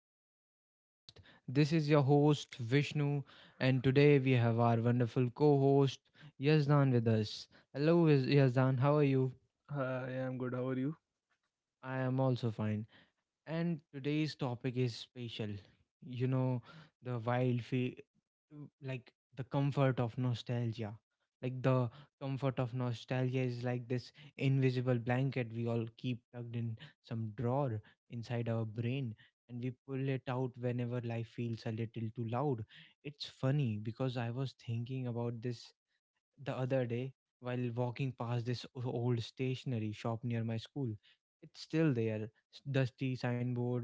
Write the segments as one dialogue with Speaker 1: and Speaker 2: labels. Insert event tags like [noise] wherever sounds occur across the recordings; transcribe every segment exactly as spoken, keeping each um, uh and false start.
Speaker 1: to the podcast. This is your host, Vishnu, and today we have our wonderful co host, Yazdan, with us. Hello, Yaz- Yazdan. How are you?
Speaker 2: Hi, I'm good. How are you?
Speaker 1: I am also fine. And today's topic is spatial. You know, the wild, fe- like the comfort of nostalgia. Like the comfort of nostalgia is like this invisible blanket we all keep tucked in some drawer inside our brain, and we pull it out whenever life feels a little too loud. It's funny because I was thinking about this the other day while walking past this o- old stationery shop near my school. It's still there, s- dusty signboard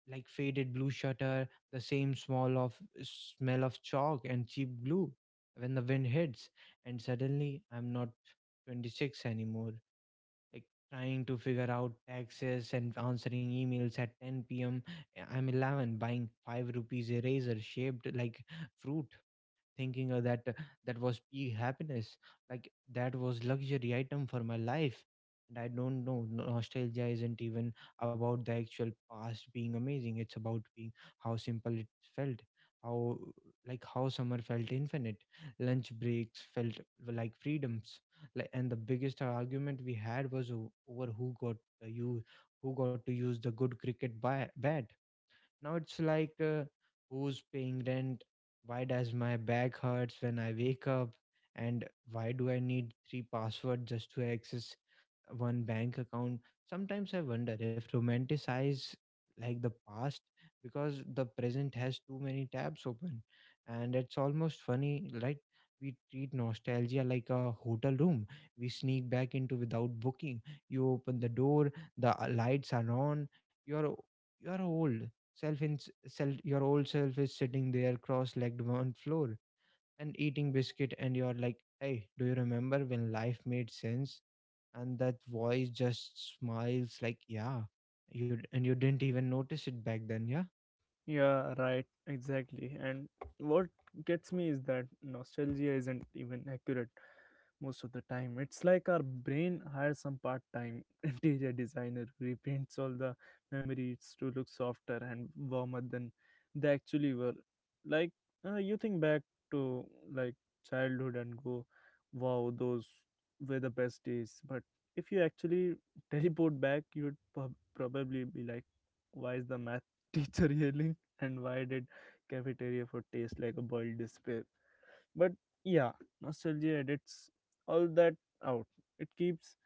Speaker 1: like faded blue shutter, the same small of smell of chalk and cheap glue when the wind hits, and suddenly I'm not twenty-six anymore. Like trying to figure out taxes and answering emails at ten p m. I'm eleven, buying five rupees eraser shaped like fruit, thinking uh, that uh, that was peak happiness, like that was luxury item for my life. And I don't know, no- nostalgia isn't even about the actual past being amazing, it's about being how simple it felt, how, like how summer felt infinite, lunch breaks felt like freedoms, like, and the biggest argument we had was o- over who got uh, you who got to use the good cricket ba- bat. Now it's like, uh, who's paying rent? Why does my back hurts when I wake up? And why do I need three passwords just to access one bank account? Sometimes I wonder if romanticize, like the past, because the present has too many tabs open. And it's almost funny, right? We treat nostalgia like a hotel room we sneak back into without booking. You open the door, the uh, lights are on, your your old self in self your old self is sitting there cross-legged on floor and eating biscuit, and you're like, hey, do you remember when life made sense? And that voice just smiles like, yeah, you d- and you didn't even notice it back then. Yeah,
Speaker 2: Yeah, right, exactly. And what gets me is that nostalgia isn't even accurate. most of the time. It's like our brain hires some part time [laughs] interior designer who repaints all the memories to look softer and warmer than they actually were. Like, uh, you think back to like childhood and go, wow, those were the best days. But if you actually [laughs] teleport back, you'd prob- probably be like, why is the math teacher [laughs] yelling? And why did cafeteria food taste like a boiled despair? But yeah, nostalgia edits all that out. it keeps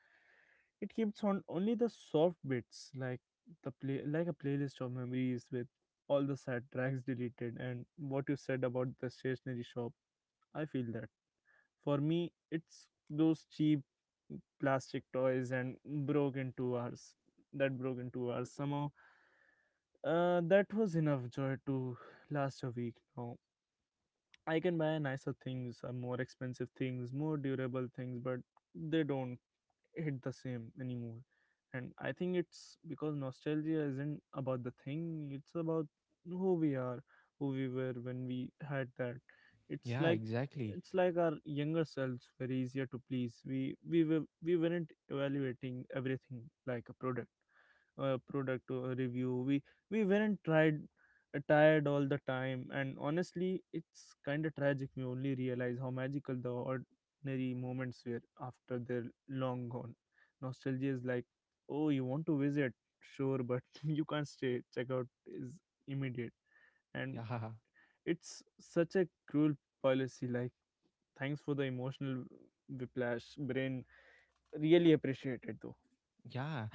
Speaker 2: it keeps on only the soft bits, like the play like a playlist of memories with all the sad tracks deleted. And what you said about the stationery shop, I feel that. For me, it's those cheap plastic toys and broke in two hours that broke in two hours somehow. Uh, that was enough joy to last a week. Now I can buy nicer things, uh, more expensive things, more durable things, but they don't hit the same anymore. And I think it's because nostalgia isn't about the thing, it's about who we are, who we were when we had that. It's
Speaker 1: yeah,
Speaker 2: like
Speaker 1: exactly,
Speaker 2: it's like our younger selves were easier to please. We we were we weren't evaluating everything like a product uh, product uh, review. We we weren't tried uh, tired all the time, and honestly, it's kind of tragic. We only realize how magical the ordinary moments were after they're long gone. Nostalgia is like, oh, you want to visit, sure, but [laughs] you can't stay. Checkout is immediate, and
Speaker 1: yeah. [laughs]
Speaker 2: it's such a cruel policy. Like, thanks for the emotional uh, whiplash. Brain really appreciate it though.
Speaker 1: Yeah,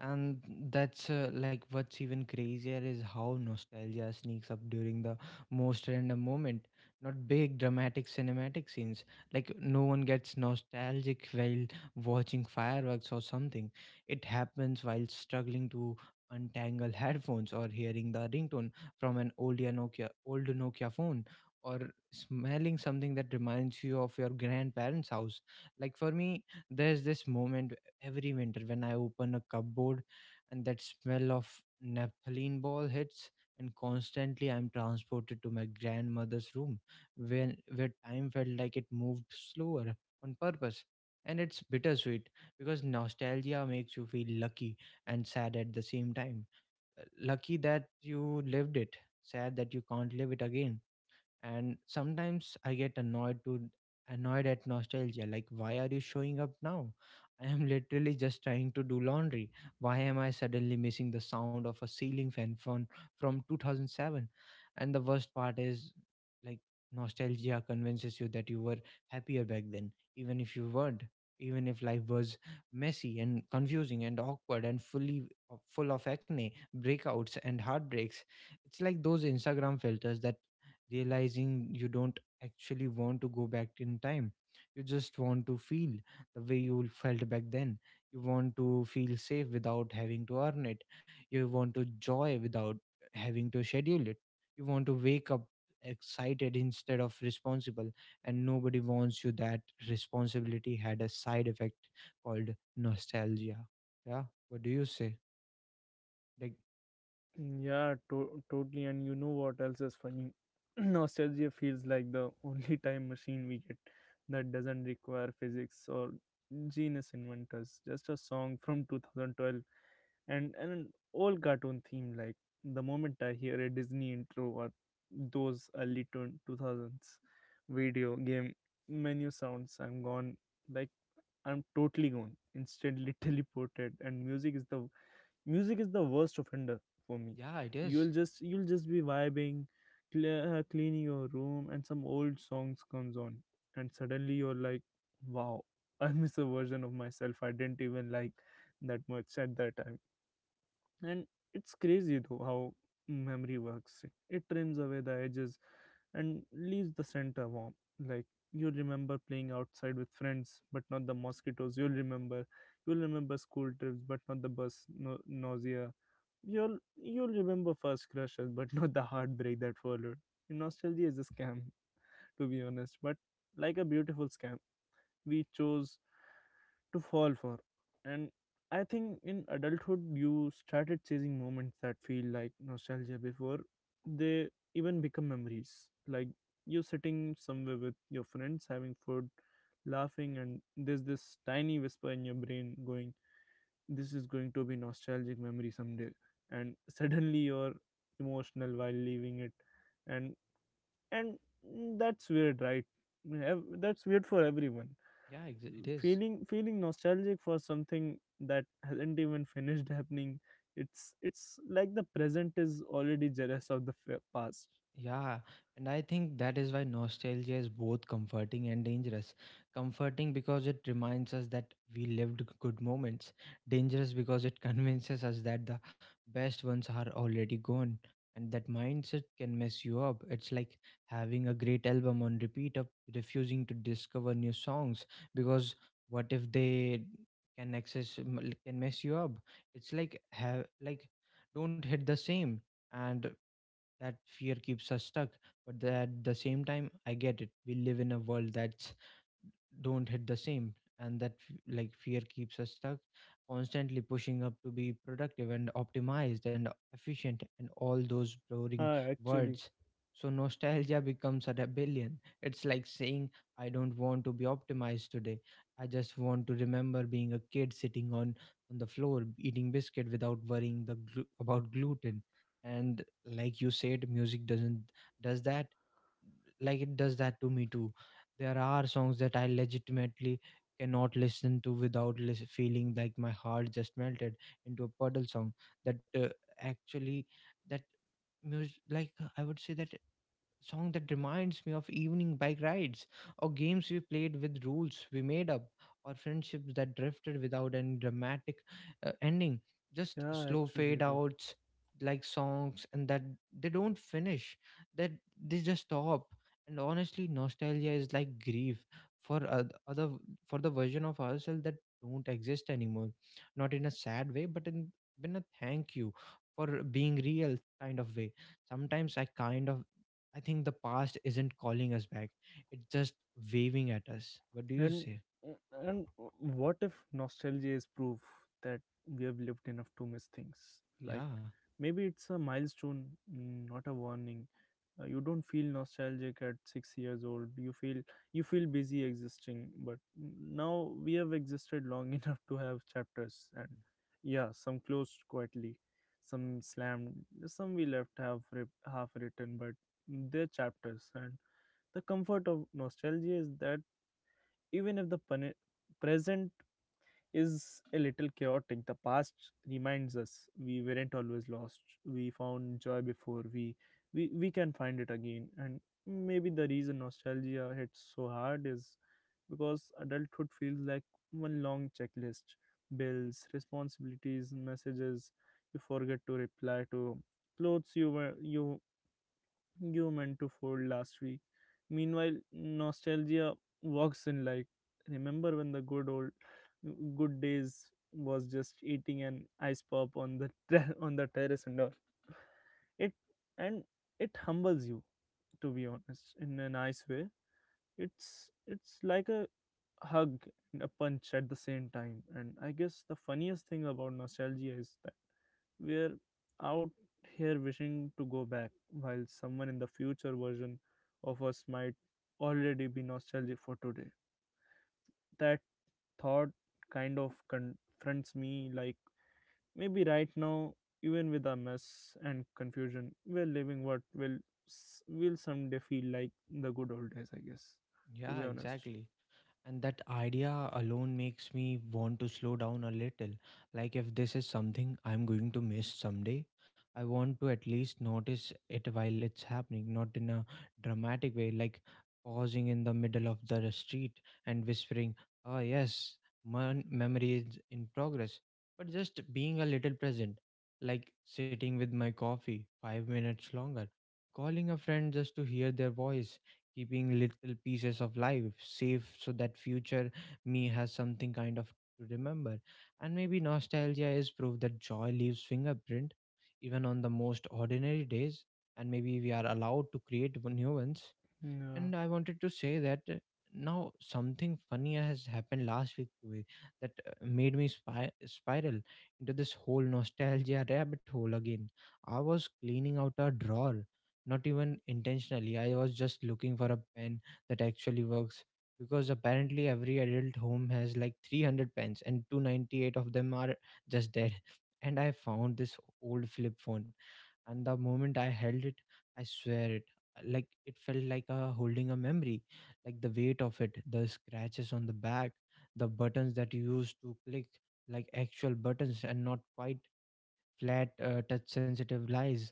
Speaker 1: and that's uh, like what's even crazier is how nostalgia sneaks up during the most random moment. Not big dramatic cinematic scenes. Like no one gets nostalgic while watching fireworks or something. It happens while struggling to untangle [laughs] headphones or hearing the ringtone from an old Nokia old Nokia phone, or smelling something that reminds you of your grandparents' house. Like for me, there's this moment every winter when I open a cupboard and that smell of naphthalene ball hits, and constantly I'm transported to my grandmother's room when where time felt like it moved slower on purpose. And it's bittersweet because nostalgia makes you feel lucky and sad at the same time. Uh, Lucky that you lived it, sad that you can't live it again. And sometimes I get annoyed to annoyed at nostalgia, like, why are you showing up now? [laughs] I am literally just trying to do laundry. Why am I suddenly missing the sound of a ceiling fan from from two thousand seven? And the worst part is, like, nostalgia convinces you that you were happier back then, even if you weren't, even if life was messy and confusing and awkward and fully full of acne breakouts and heartbreaks. It's like those instagram filters that realizing you don't actually want to go back in time. You just want to feel the way you felt back then. You want to feel safe without having to earn it. You want to joy without having to schedule it. You want to wake up excited instead of responsible, and nobody wants you that responsibility had a side effect called nostalgia. Yeah, what do you say? Like,
Speaker 2: Yeah, to- totally. And you know what else is funny? [clears throat] Nostalgia feels like the [laughs] only time machine we get that doesn't require physics or genius inventors. Just a song from two thousand twelve and, and an old cartoon theme. Like the moment I hear a Disney intro or those early twen- two thousands video game menu sounds, I'm gone. Like I'm totally gone, instantly [laughs] teleported. And music is the music is the worst offender for me.
Speaker 1: yeah, it is.
Speaker 2: You'll just you'll just be vibing, cle- uh, cleaning your room, and some old songs comes on, and suddenly you're like, wow, I miss a version of myself I didn't even like that much at that time. And it's crazy though how memory works. It trims away the edges and leaves the center warm. Like, you'll remember playing outside with friends but not the mosquitoes. You'll remember you'll remember school trips but not the bus no- nausea. You'll you'll remember first crushes, but [laughs] not the heartbreak that followed. Nostalgia is a scam, to be honest, but like a beautiful scam we chose to fall for. And I think in adulthood, you started chasing moments that feel like nostalgia before they even become memories. Like you sitting somewhere with your friends, having food, laughing, and there's this tiny whisper in your brain going, this is going to be nostalgic memory someday, and suddenly [laughs] you're emotional while leaving it. And and that's weird, right? Ev- that's weird for everyone.
Speaker 1: Yeah, ex- it is.
Speaker 2: Feeling, feeling nostalgic for something that hasn't even finished [laughs] happening. It's it's like the present is already jealous of the fa- past.
Speaker 1: Yeah, and I think that is why nostalgia is both comforting and dangerous. Comforting because it reminds us that we lived g- good moments, dangerous because it [laughs] convinces us that the best ones are already gone. And that mindset can mess you up. It's like having a great album on repeat, of refusing to discover new songs because what if they can access m- can mess you up? It's like have like don't hit the same, and that fear keeps us stuck. But at the same time, I get it, we live in a world that's don't hit the same, and that f- like fear keeps us stuck, constantly pushing up to be productive and optimized and efficient and all those boring
Speaker 2: Ah, actually.
Speaker 1: words. So nostalgia becomes a rebellion, it's like saying, I don't want to be optimized today, I just want to remember being a kid sitting on on the floor eating biscuit without worrying the glu- about gluten. And like you said, music doesn't does that, like it does that to me too. There are songs that I legitimately cannot listen to without lis- feeling like my heart just melted into a puddle song that uh, actually that music, like, I would say that song that reminds me of evening bike rides or games we played with rules we made up or friendships that drifted without any dramatic uh, ending, just
Speaker 2: Yeah,
Speaker 1: slow
Speaker 2: actually
Speaker 1: fade
Speaker 2: though.
Speaker 1: outs, like songs, and that they don't finish, that they just stop. And honestly, nostalgia is like grief for oth- other for the version of ourselves that don't exist anymore, not in a sad way, but in in a thank you for being real kind of way. Sometimes I kind of I think the past isn't calling us back, it's just waving at us. What do you
Speaker 2: And
Speaker 1: say?
Speaker 2: and what if nostalgia is proof that we have lived enough to miss things? Like
Speaker 1: Yeah,
Speaker 2: maybe it's a milestone, mm, not a warning. Uh, you don't feel nostalgic at six years old. You feel you feel busy existing, but now we have existed long [laughs] enough to have chapters, and yeah, some closed quietly, some slammed, some we left half writ- half written, but they're chapters. And the comfort of nostalgia is that even if the pone- present is a little chaotic, the past reminds us we weren't always lost. We found joy before. We we, we can find it again. And maybe the reason nostalgia hits so hard is because adulthood feels like one long checklist: bills, responsibilities, messages you forget to reply to, clothes you were you you meant to fold last week. Meanwhile, nostalgia walks in like, remember when the good old good days was just eating an ice pop on the ter- [laughs] on the terrace and all. It and it humbles you, to be honest, in a nice way. It's it's like a hug and a punch at the same time. And I guess the funniest thing about nostalgia is that we're out here wishing to go back, while someone in the future version of us might already be nostalgic for today. That thought kind of confronts me. Like, maybe right now, even with our mess and confusion, we're living what will s- will someday feel like the good old days, I guess, to
Speaker 1: yeah,
Speaker 2: be honest.
Speaker 1: exactly. And that idea alone makes me want to slow down a little. Like, if this is something I'm going to miss someday, I want to at least notice it while it's happening, not in a dramatic way, like pausing in the middle of the street and whispering, ah, yes, my memory is in progress. But just being a little present, like sitting with my coffee five minutes longer, calling a friend just to hear their voice, keeping little pieces of life safe so that future me has something kind of to remember. And maybe nostalgia is proof that joy leaves fingerprint even on the most ordinary days. And maybe we are allowed to create one- new ones.
Speaker 2: Yeah,
Speaker 1: And I wanted to say that uh, now something funny has happened last week to me, that uh, made me spy- spiral into this whole nostalgia rabbit hole again. I was cleaning out a drawer, not even intentionally, I was just looking for a pen that actually works, because apparently every adult home has like three hundred pens and two hundred ninety-eight of them are just dead. [laughs] And I found this old flip phone, and the moment I held it, I swear it, like it felt like a holding a memory. Like the weight of it, the scratches on the back, the buttons that you used to click, like actual buttons and not quite flat uh, touch sensitive lies.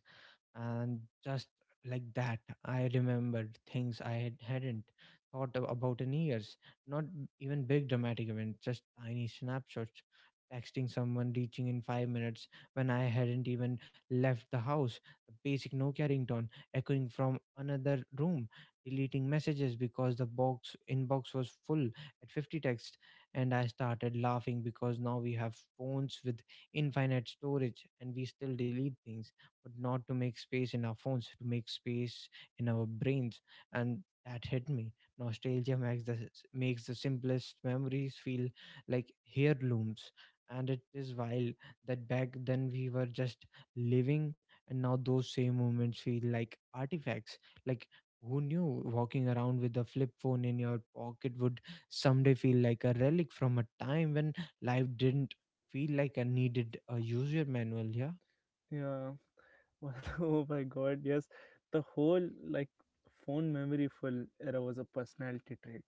Speaker 1: And just like that, I remembered things I had, hadn't thought ab- about in years. Not even big dramatic events, just tiny snapshots, texting someone reaching in five minutes when I hadn't even left the house, the basic nokia ringtone echoing from another room, deleting messages because the box inbox was full at fifty texts. And I started laughing because now we have phones with infinite storage and we still delete things, but not to make space in our phones, to make space in our brains. And that hit me. Nostalgia makes the s- makes the simplest memories feel like heirlooms. And it is wild that back then we were just living, and now those same moments feel like artifacts. Like, who knew walking around with a flip phone in your pocket would someday feel like a relic from a time when life didn't feel like I needed a user manual. Yeah.
Speaker 2: yeah. [laughs] Oh my God, yes. The whole like phone memory full era was a personality trait.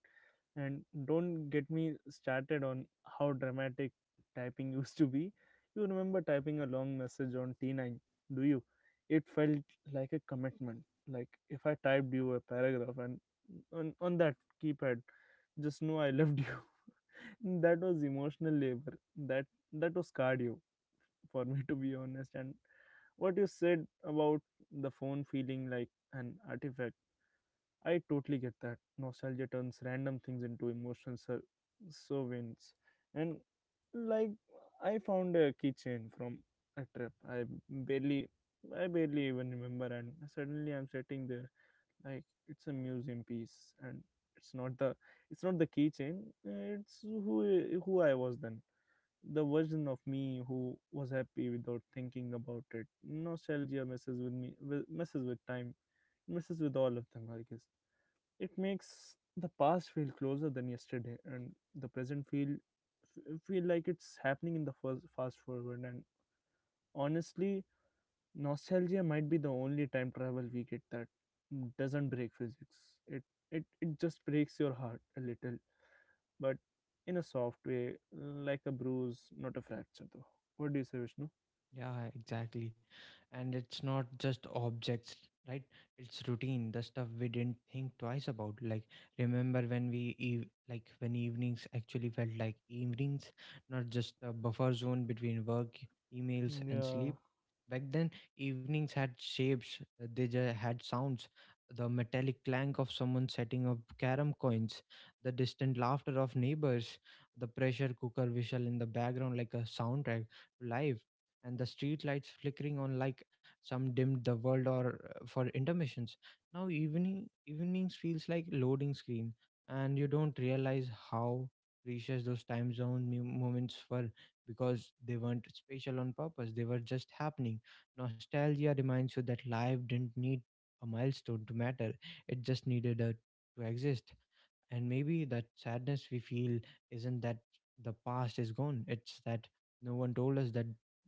Speaker 2: And don't get me started on how dramatic typing [laughs] used to be. You remember typing a long message on T nine, do you? It felt like a commitment. Like if I typed you a paragraph and on, on that keypad, just know I loved you. [laughs] That was emotional labor. That that was cardio for me, to be honest. And what you said about the phone feeling like an artifact, I totally get that. Nostalgia turns random things into emotional ser- sovereigns. And like, I found a keychain from a trip i barely I barely even remember, and suddenly I'm sitting there like it's a museum piece. And it's not the it's not the keychain, it's who I- who I was then, the version of me who was happy without thinking about it. Nostalgia messes with me, wi- messes with time, messes with all of them, I guess. It makes the past feel closer than yesterday, and the present feel f- feel like it's happening in the first fast forward. And honestly, nostalgia might be the only time travel we get that doesn't break physics. It it it just breaks your heart a little, but in a soft way, like a bruise, not a fracture, though. What do you say, Vishnu?
Speaker 1: Yeah, exactly. And it's not just objects, right? It's routine, the stuff we didn't think twice about. Like, remember when we, eve- like, when evenings actually felt like evenings, not just a buffer zone between work, emails, and
Speaker 2: Yeah,
Speaker 1: sleep. Back then, evenings had shapes, uh, they just had sounds. The metallic clank of someone setting up carom coins, the distant laughter of neighbors, the pressure cooker whistle in the background like a soundtrack to life, and the street lights flickering on like some dimmed the world or uh, for intermissions. Now evening evenings feels like loading screen, and you don't realize how precious those time zone mu- moments were because they weren't spatial on purpose; they were just happening. Nostalgia reminds you that life didn't need a milestone to matter; it just needed a to exist. And maybe that sadness we feel isn't that the past is gone, it's that no one told us that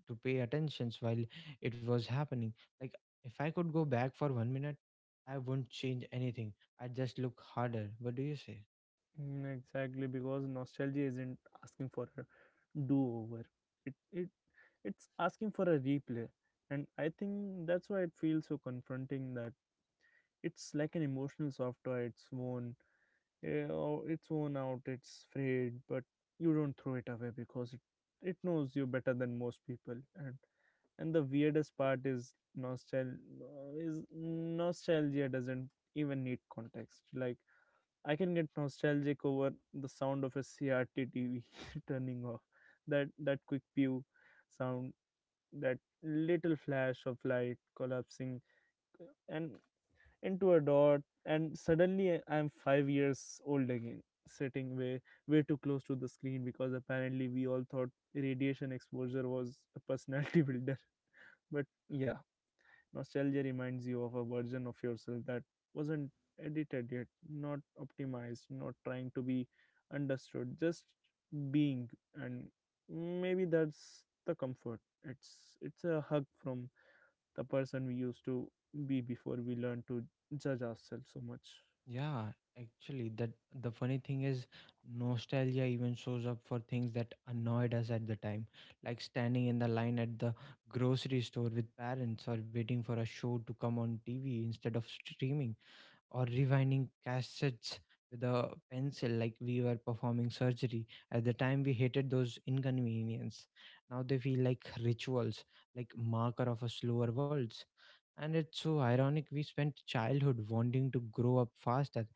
Speaker 1: to pay attentions while it was happening. Like, if I could go back for one minute, I wouldn't change anything. I'd just look harder. What do you say?
Speaker 2: mm, exactly. Because nostalgia isn't asking for a do-over. It it it's asking for a replay, and I think that's why it feels so confronting. That it's like an emotional software. It's worn, yeah, or it's worn out. It's frayed, but you don't throw it away because it it knows you better than most people. And and the weirdest part is nostalgia is nostalgia doesn't even need context. Like I can get nostalgic over the sound of a C R T T V [laughs] turning off. That that quick pew sound, that little flash of light collapsing uh, and into a dot, and suddenly uh, I'm five years old again, sitting way way too close to the screen because apparently we all thought radiation exposure was a personality [laughs] builder. But yeah, nostalgia reminds you of a version of yourself that wasn't edited yet, not optimized, not trying to be understood, just being. And maybe that's the comfort. It's it's a hug from the person we used to be before we learned to judge ourselves so much.
Speaker 1: Yeah, actually, that the funny thing is, nostalgia even shows up for things that annoyed us at the time, like standing in the line at the grocery store with parents or waiting for a show to come on T V instead of streaming or rewinding cassettes with a pencil like we were performing surgery. At the time, we hated those inconvenience. Now they feel like rituals, like marker of a slower world. And it's so ironic we spent childhood wanting to grow up faster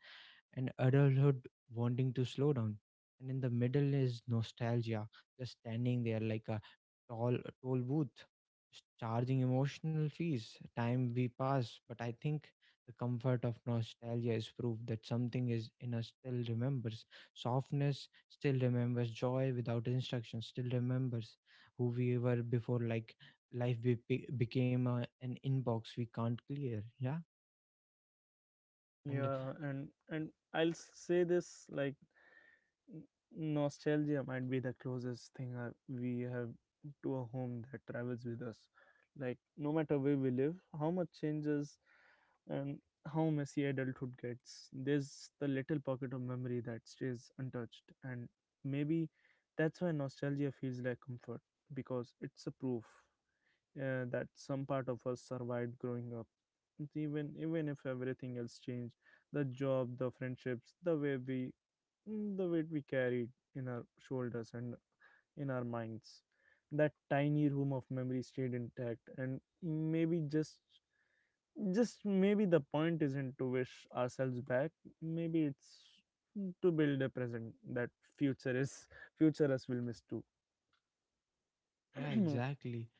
Speaker 1: and adulthood wanting to slow down. And in the middle is nostalgia, just standing there like a tall toll booth, s- charging emotional fees. Time we pass, but I think the comfort of nostalgia is proof that something is in us still remembers. Softness still remembers joy without instruction, still remembers who we were before, like life be- be- became a, an inbox we can't clear. Yeah. And
Speaker 2: Yeah, and and I'll say this, like, N- nostalgia might be the closest thing I, we have to a home that travels with us. Like, no matter where we live, how much changes and how messy adulthood gets, there's the little pocket of memory that stays untouched. And maybe that's why nostalgia feels like comfort, because it's a proof uh, that some part of us survived growing up. It's even Even if everything else changed, the job, the friendships, the way we, mm, the weight we carried in our shoulders and in our minds, that tiny room of memory stayed intact. And maybe just just maybe, the point isn't to wish ourselves back. Maybe it's to build a present that future is future us will miss too.
Speaker 1: yeah, exactly.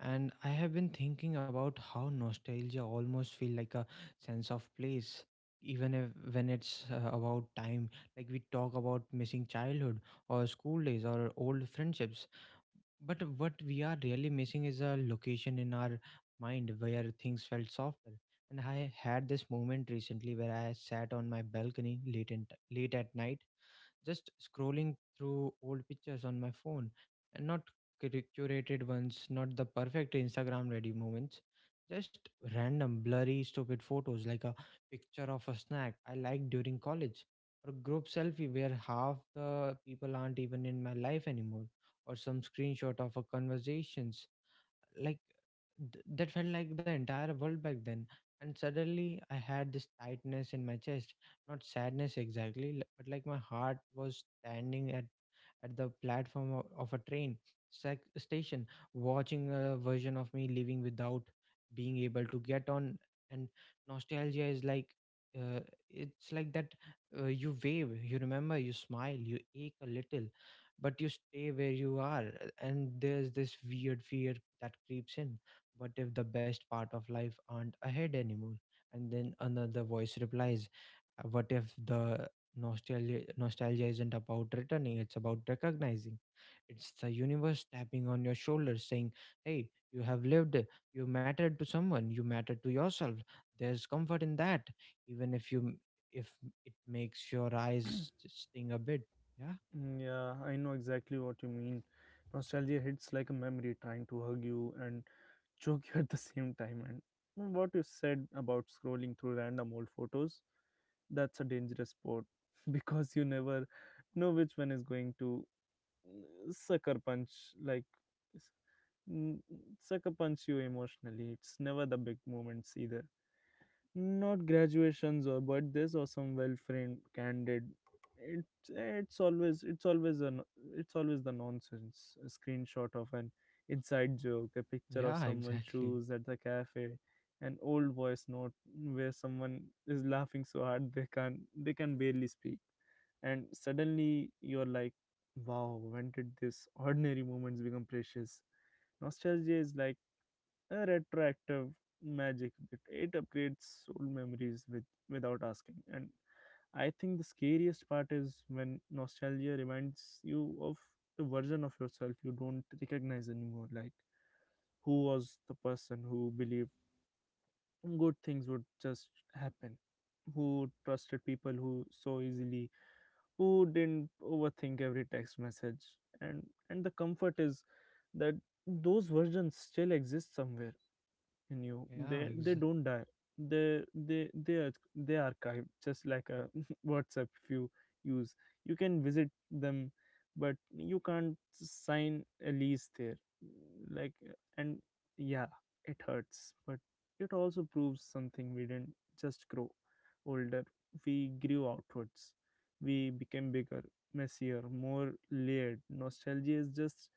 Speaker 1: And I have been thinking about how nostalgia almost feel like a sense of place, even if when it's uh, about time. Like we talk about missing childhood or school days or old friendships, but what we are really missing is a location in our mind where things felt softer. And I had this moment recently where I sat on my balcony late and late at night, just scrolling through old pictures on my phone and not cur- curated ones, not the perfect Instagram ready moments, just random, blurry, stupid photos, like a picture of a snack I liked during college, or a group selfie where half the people aren't even in my life anymore, or some screenshot of a conversations like th- that felt like the entire world back then. And suddenly I had this tightness in my chest, not sadness exactly, li- but like my heart was standing at at the platform of, of a train sac- station, watching a version of me living without being able to get on. And nostalgia is like, uh, it's like that. Uh, you wave, you remember, you smile, you ache a little, but you stay where you are. Uh, and there's this weird fear that creeps in. What if the best part of life aren't ahead anymore? And then another voice replies, "Uh, What if the nostalgia nostalgia isn't about returning, it's about recognizing? It's the universe tapping on your shoulder saying, 'Hey, you have lived, you mattered to someone, you mattered to yourself. There's comfort in that, even if you if it makes your eyes
Speaker 2: [clears throat]
Speaker 1: sting a bit." Yeah.
Speaker 2: Mm, yeah, I know exactly what you mean. Nostalgia hits like a memory trying to hug you and choke [laughs] you at the same time. And what you said about scrolling through random old photos, that's a dangerous sport [laughs] because you never know which one is going to, mm, sucker punch, like, s- mm, sucker punch you emotionally. It's never the big moments either, not graduations or birthdays or some well framed candid, it's it's always it's always an it's always the nonsense, a screenshot of an inside joke, a picture of
Speaker 1: Yeah,
Speaker 2: someone's
Speaker 1: exactly.
Speaker 2: shoes at the cafe, an old voice note where someone is laughing so hard they can't they can barely speak, and suddenly you're like, wow, when did this ordinary moments become precious? Nostalgia is like a retroactive magic that it upgrades soul memories with, without asking. And I think the scariest part is when nostalgia reminds you of the version of yourself you don't recognize anymore, like who was the person who believed good things would just happen, who trusted people who so easily, who didn't overthink every text message? And and the comfort is that those versions still exist somewhere in you,
Speaker 1: Yeah,
Speaker 2: they they
Speaker 1: exa-
Speaker 2: don't die, they they they are they archive just like a [laughs] whatsapp if you use. You can visit them, but you can't sign a lease there, like. And yeah, it hurts, but it also proves something. We didn't just grow older, we grew outwards, we became bigger, messier, more layered. Nostalgia is just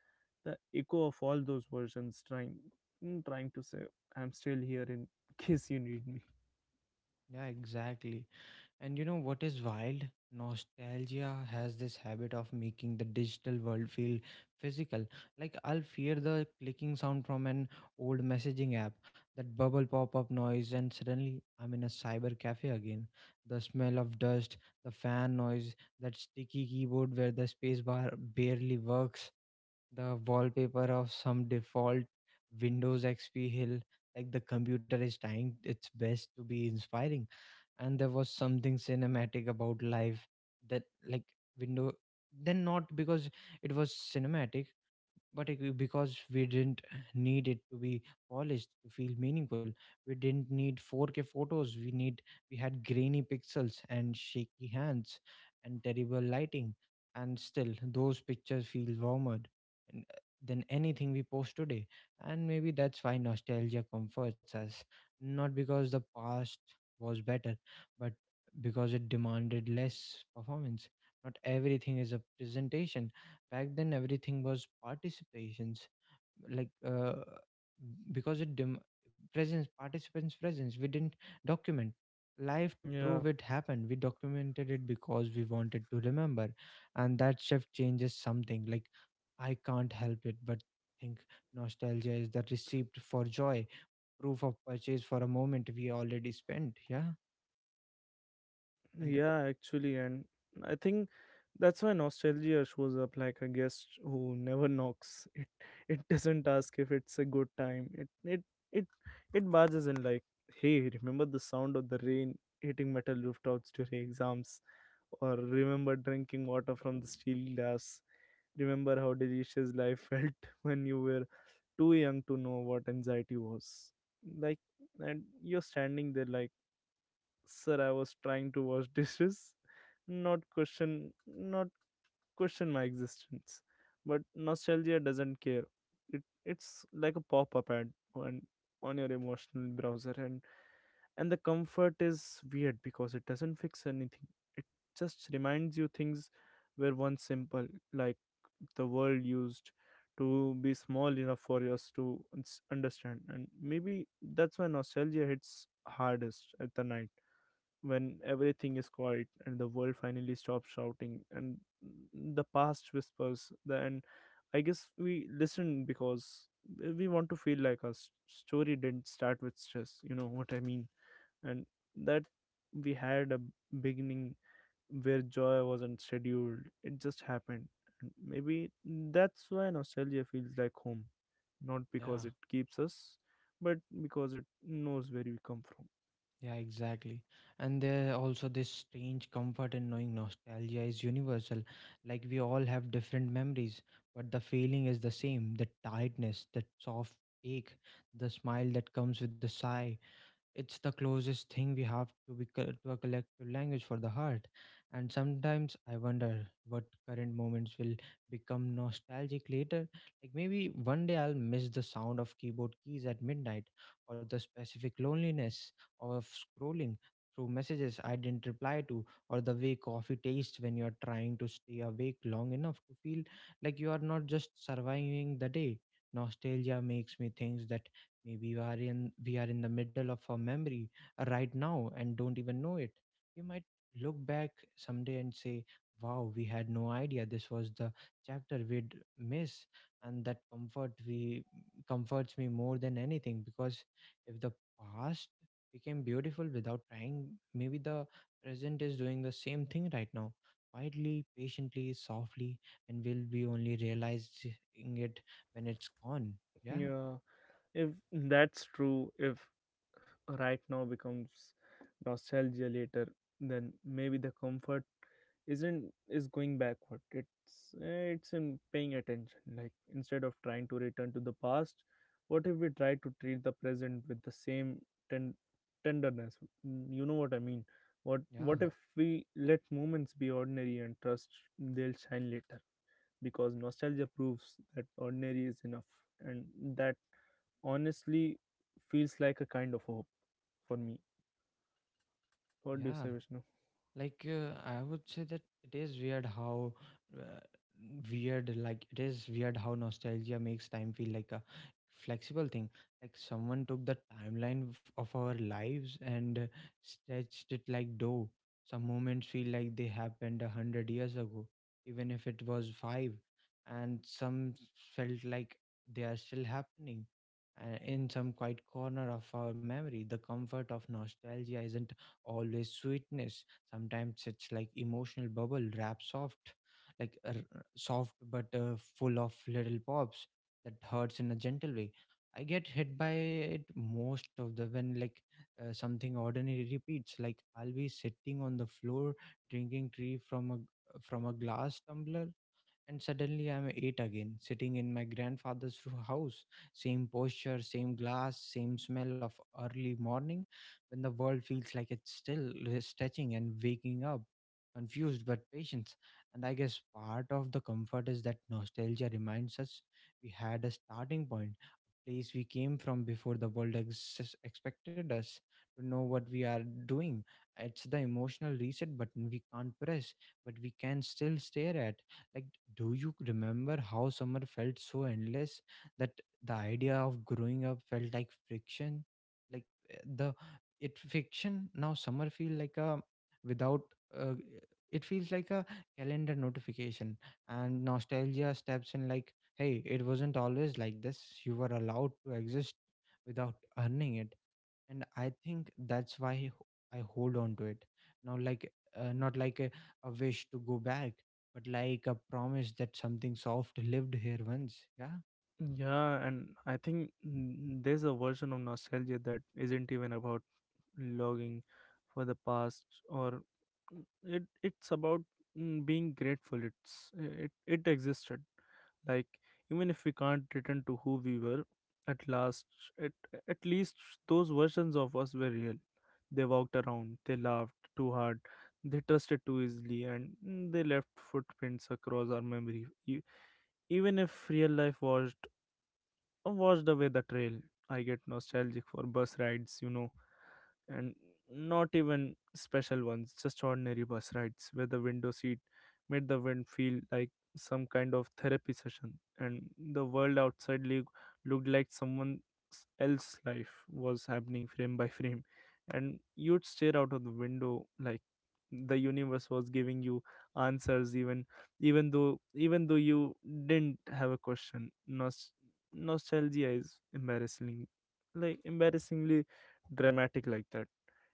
Speaker 2: the echo of all those versions trying, mm, trying to say, I'm still here in [laughs] case you need me.
Speaker 1: yeah, exactly. And you know what is wild? Nostalgia has this habit of making the digital world feel physical. Like I'll fear the clicking sound from an old messaging app, that bubble pop up noise, and suddenly I'm in a cyber cafe again. The smell of dust, the fan noise, that sticky keyboard where the spacebar barely works, the wallpaper of some default Windows X P hill. Like the computer is trying its best to be inspiring. And there was something cinematic about life, that like window then, not because it was cinematic, but it, because we didn't need it to be polished to feel meaningful. We didn't need four K photos, we need we had grainy pixels and shaky hands and terrible lighting, and still those pictures feel warmer and, uh, than anything we post today. And maybe that's why nostalgia comforts us, not because the past was better, but because it demanded less performance. Not everything is a presentation. Back then everything was participations, like uh, because it dem- presence participants presence. We didn't document life to
Speaker 2: Yeah,
Speaker 1: prove it happened, we documented it because we wanted to remember. And that shift changes something. Like, I can't help it but think nostalgia is the receipt for joy, proof of purchase for a moment we already spent. Yeah. And
Speaker 2: yeah, actually, and I think that's why nostalgia shows up like a guest who never knocks. It [laughs] it doesn't ask if it's a good time. It it it it barges in like, hey, remember the sound of the rain hitting metal rooftops during exams, or remember drinking water from the steel glass. Remember how delicious life felt [laughs] when you were too young to know what anxiety was. Like, and you're standing there like, sir, I was trying to wash [laughs] dishes, not question, not question my existence. But nostalgia doesn't care. It it's like a pop-up ad on on your emotional browser, and and the comfort is weird because it doesn't fix anything. It just reminds you things were once simple, like the world used to be small enough for us to uns- understand. And maybe that's why nostalgia hits hardest at the night, when everything is quiet and the world finally stops shouting and the past whispers. Then, I guess we listen, because we want to feel like our s- story didn't start with stress. You know what I mean? And that we had a beginning where joy wasn't scheduled, it just happened. And maybe that's why nostalgia feels like home, not
Speaker 1: yeah.
Speaker 2: because it keeps us, but because it knows where we come from.
Speaker 1: Yeah, exactly. And there also this strange comfort in knowing nostalgia is universal. Like we all have different memories, but the feeling is the same. The tiredness, that soft ache, the smile that comes with the sigh, it's the closest thing we have to be co- to a collective language for the heart. And sometimes I wonder what current moments will become nostalgic later, like maybe one day I'll miss the sound of keyboard keys at midnight, or the specific loneliness of scrolling through messages I didn't reply to, or the way coffee tastes when you're trying to stay awake long enough to feel like you are not just surviving the day. Nostalgia makes me think that maybe we are in we are in the middle of our memory right now and don't even know it. We might look back someday and say, "Wow, we had no idea this was the chapter we'd miss," and that comfort we comforts me more than anything, because if the past became beautiful without trying, maybe the present is doing the same thing right now. Quietly, patiently, softly, and we'll be only realizing it when it's gone. Yeah,
Speaker 2: Yeah. If that's true, if right now becomes nostalgia later, then maybe the comfort isn't is going backward. It's eh, it's in paying attention. Like, instead of trying to return to the past, what if we try to treat the present with the same ten- tenderness? Mm, You know what I mean. What
Speaker 1: yeah.
Speaker 2: what if we let moments be ordinary and trust they'll shine later? Because nostalgia proves that ordinary is enough, and that honestly feels like a kind of hope for me. What do you
Speaker 1: Yeah,
Speaker 2: say, Vishnu?
Speaker 1: like uh, I would say that it is weird how, uh, weird like it is weird how nostalgia makes time feel like a flexible thing. Like someone took the timeline of of our lives and uh, stretched it like dough. Some moments feel like they happened a hundred years ago even if it was five, and some felt like they are still happening uh, in some quiet corner of our memory. The comfort of nostalgia isn't always sweetness. Sometimes it's like emotional bubble wrap soft, like uh, r- soft but uh, full of little pops that hurts in a gentle way. I get hit by it most of the when, like uh, something ordinary repeats. Like I'll be sitting on the floor drinking tea from a from a glass tumbler and suddenly I'm eight again, sitting in my grandfather's roo- house. Same posture, same glass, same smell of early morning when the world feels like it's still re- stretching and waking up. Confused but patient. And I guess part of the comfort is that nostalgia reminds us we had a starting point, a place we came from before the world ex- expected us to know what we are doing. It's the emotional reset button we can't press, but we can still stare at. Like, do you remember how summer felt so endless that the idea of growing up felt like friction? Like uh, the it fiction now summer feel like a without, uh, it feels like a calendar notification. And nostalgia steps in like, hey, it wasn't always like this, you were allowed to exist without earning it. And I think that's why I hold on to it now, like uh, not like a, a wish to go back, but like a promise that something soft lived here once. Yeah,
Speaker 2: Yeah, and I think mm, there's a version of nostalgia that isn't even about logging for the past, or mm, it it's about mm, being grateful it's it, it existed, like even if we can't return to who we were, at last, at, at least those versions of us were real. They walked around, they laughed too hard, they trusted too easily, and mm, they left footprints across our memory. E- even if real life was or washed away the trail. I get nostalgic for bus rides, you know, and not even special ones, just ordinary bus rides where the window seat made the wind feel like some kind of therapy session, and the world outside loo- looked like someone else's life was happening frame by frame, and you'd stare out of the window like the universe was giving you answers, even even though even though you didn't have a question. Nos- nostalgia is embarrassing, like embarrassingly dramatic, like that.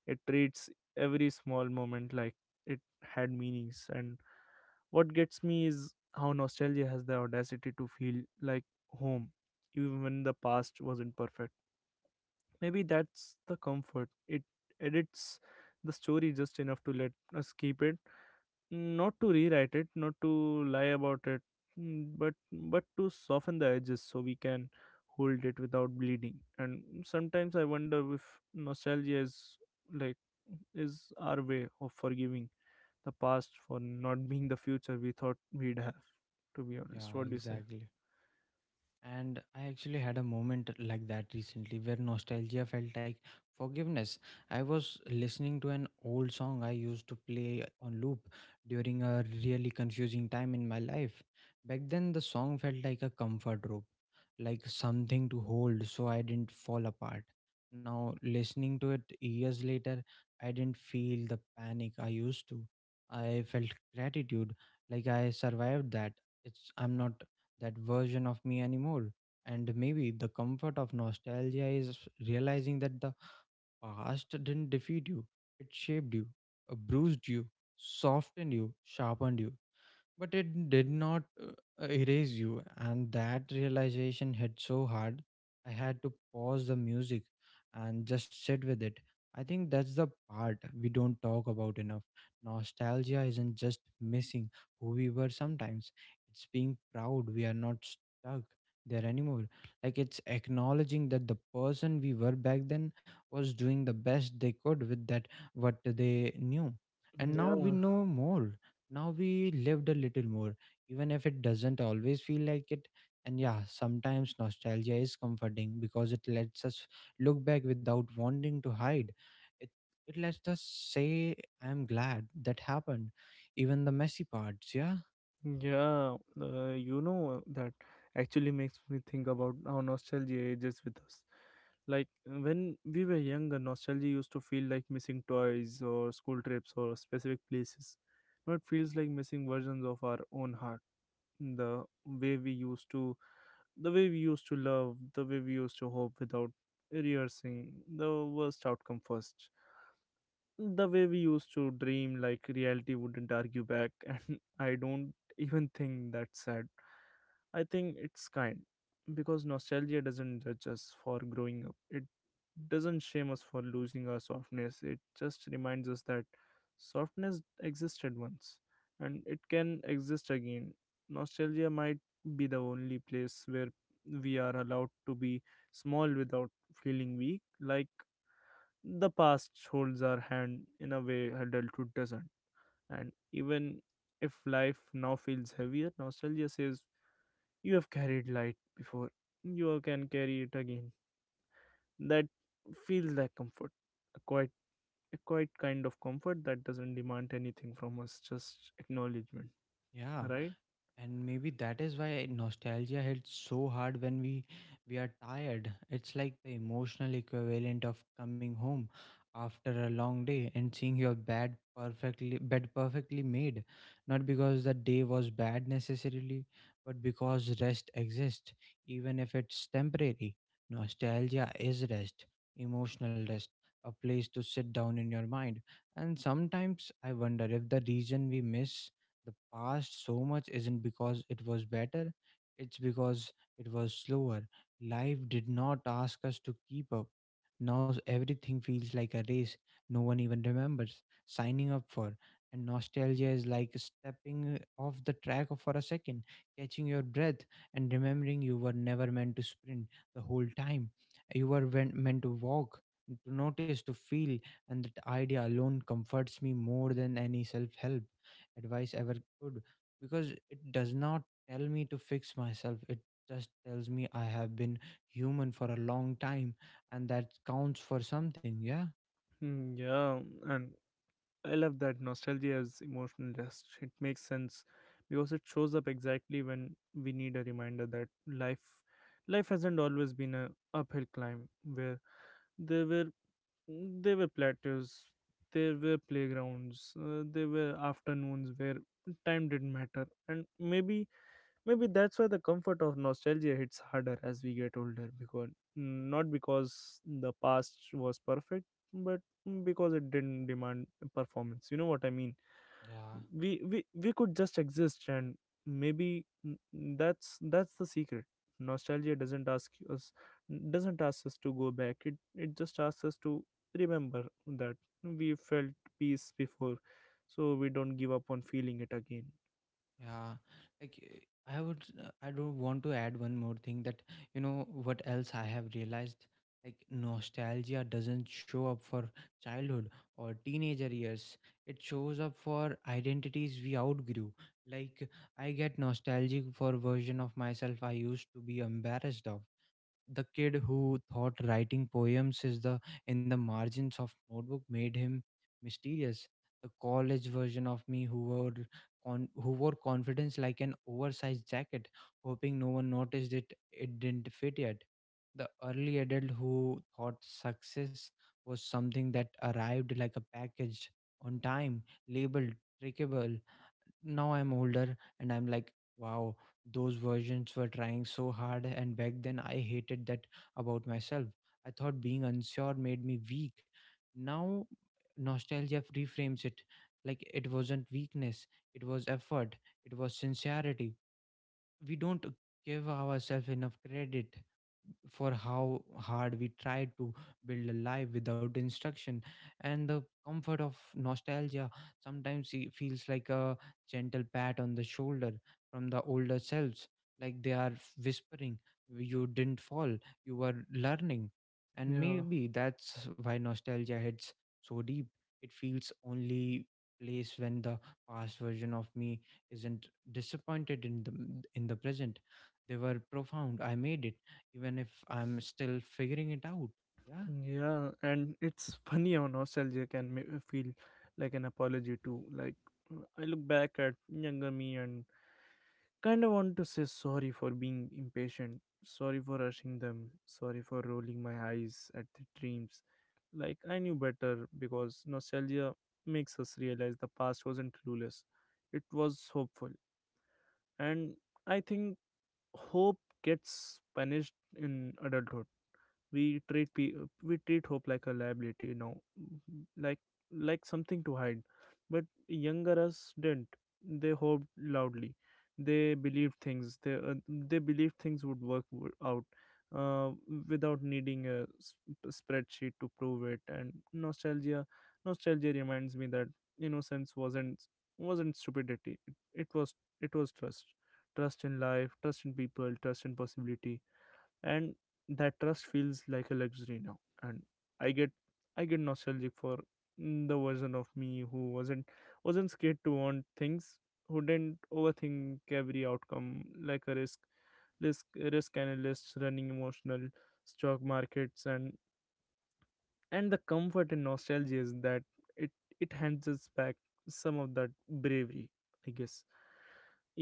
Speaker 2: It treats every small moment like it had meanings. And what gets me is how nostalgia has the audacity to feel like home even when the past wasn't perfect. Maybe that's the comfort. It edits the story just enough to let us keep it, not to rewrite it, not to lie about it, mm, but but to soften the edges so we can hold it without bleeding. And sometimes I wonder if nostalgia is like is our way of forgiving the past for not being the future we thought we'd have. To be honest,
Speaker 1: yeah,
Speaker 2: what do you say?
Speaker 1: exactly. And I actually had a moment like that recently where nostalgia felt like forgiveness. I was listening to an old song I used to play on loop during a really confusing time in my life. Back then, the song felt like a comfort rope, like something to hold so I didn't fall apart. Now, listening to it years later, I didn't feel the panic I used to. I felt gratitude, like I survived that. It's I'm not that version of me anymore. And maybe the comfort of nostalgia is realizing that the past didn't defeat you, it shaped you, uh, bruised you, softened you, sharpened you, but it did not uh, erase you. And that realization hit so hard, I had to pause the music and just sit with it. I think that's the part we don't talk about enough. Nostalgia isn't just missing who we were sometimes, it's being proud we are not stuck there anymore. Like, it's acknowledging that the person we were back then was doing the best they could with that what they knew. And now we
Speaker 2: Yeah.
Speaker 1: know more, now we lived a little more, even if it doesn't always feel like it. And yeah, sometimes nostalgia is comforting because it lets us look back without wanting to hide it. It lets us say, "I'm glad that happened, even the messy parts." Yeah.
Speaker 2: Yeah, uh, you know, that actually makes me think about how nostalgia ages with us. Like when we were younger, nostalgia used to feel like missing toys or school trips or specific places. Now it feels like missing versions of our own heart. The way we used to, the way we used to love, the way we used to hope without rehearsing the worst outcome first, the way we used to dream like reality wouldn't argue back. [laughs] And I don't even think that's sad, I think it's kind, because nostalgia doesn't judge us for growing up, it doesn't shame us for losing our softness, it just reminds us that softness existed once, and it can exist again. Nostalgia might be the only place where we are allowed to be small without feeling weak, like the past holds our hand in a way adulthood doesn't. And even if life now feels heavier, nostalgia says you have carried light before. You can carry it again. That feels like comfort. A quiet a quiet kind of comfort that doesn't demand anything from us, just acknowledgement.
Speaker 1: Yeah.
Speaker 2: Right?
Speaker 1: And maybe that is why nostalgia hits so hard when we we are tired. It's like the emotional equivalent of coming home after a long day and seeing your bed perfectly bed perfectly made. Not because the day was bad necessarily, but because rest exists, even if it's temporary. Nostalgia is rest, emotional rest, a place to sit down in your mind. And sometimes I wonder if the reason we miss the past so much isn't because it was better, it's because it was slower. Life did not ask us to keep up. Now everything feels like a race no one even remembers signing up for. And nostalgia is like stepping uh, off the track for a second, catching your breath, and remembering you were never meant to sprint the whole time. You were wen- meant to walk, to notice, to feel, and that idea alone comforts me more than any self help advice ever could, because it does not tell me to fix myself. It just tells me I have been human for a long time, and that counts for something. Yeah.
Speaker 2: Hmm. Yeah. And I love that nostalgia as emotional rest. It makes sense, because it shows up exactly when we need a reminder that life life hasn't always been a uphill climb, where there were there were plateaus, there were playgrounds, uh, there were afternoons where time didn't matter. And maybe maybe that's why the comfort of nostalgia hits harder as we get older, because not because the past was perfect, but because it didn't demand performance. You know what I mean?
Speaker 1: Yeah.
Speaker 2: We we, we could just exist. And maybe n- that's that's the secret. Nostalgia doesn't ask us doesn't ask us to go back, it it just asks us to remember that we felt peace before, so we don't give up on feeling it again.
Speaker 1: Yeah, like uh, I would, uh, I don't want to add one more thing, that you know what else I have realized, like nostalgia doesn't show up for childhood or teenager years, it shows up for identities we outgrew. Like, I get nostalgic for version of myself I used to be embarrassed of. The kid who thought writing poems is the in the margins of notebook made him mysterious, the college version of me who wore con- who wore confidence like an oversized jacket, hoping no one noticed it it didn't fit yet, the early adult who thought success was something that arrived like a package, on time, labeled, trackable. Now I'm older and I'm like, wow, those versions were trying so hard. And back then I hated that about myself. I thought being unsure made me weak. Now nostalgia reframes it, like it wasn't weakness, it was effort, it was sincerity. We don't give ourselves enough credit for how hard we tried to build a life without instruction, and the comfort of nostalgia, sometimes it feels like a gentle pat on the shoulder from the older selves, like they are whispering, you didn't fall, you were learning. And
Speaker 2: Yeah.
Speaker 1: maybe that's why nostalgia hits so deep. It feels only place when the past version of me isn't disappointed in the in the present. They were profound, I made it, even if I'm still figuring it out. Yeah.
Speaker 2: Yeah, and it's [laughs] funny how nostalgia can ma- feel like an apology too, like I look back at younger me and kind of want to say sorry for being impatient, sorry for rushing them, sorry for rolling my eyes at the dreams. Like I knew better, because nostalgia makes us realize the past wasn't clueless, it was hopeful. And I think hope gets punished in adulthood. We treat pe- we treat hope like a liability, you know. Mhm. like like something to hide. But younger us didn't. They hoped loudly, they believed things, they uh, they believed things would work w- out, uh, without needing a sp- spreadsheet to prove it. And nostalgia nostalgia reminds me that innocence wasn't wasn't stupidity, it, it was it was trust. Trust in life, trust in people, trust in possibility. And that trust feels like a luxury now. And i get i get nostalgic for mm, the version of me who wasn't wasn't scared to want things, who didn't overthink every outcome like a risk risk risk analysts running emotional stock markets. And and the comfort and nostalgia is that it it hands us back some of that bravery, I guess,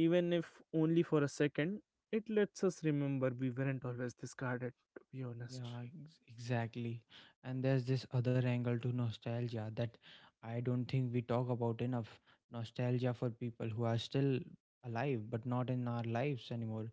Speaker 2: even if only for a second. It lets us remember we weren't always discarded. To be honest.
Speaker 1: Yeah, ex- exactly. And there's this other angle to nostalgia that I don't think we talk about enough. Nostalgia for people who are still alive but not in our lives anymore.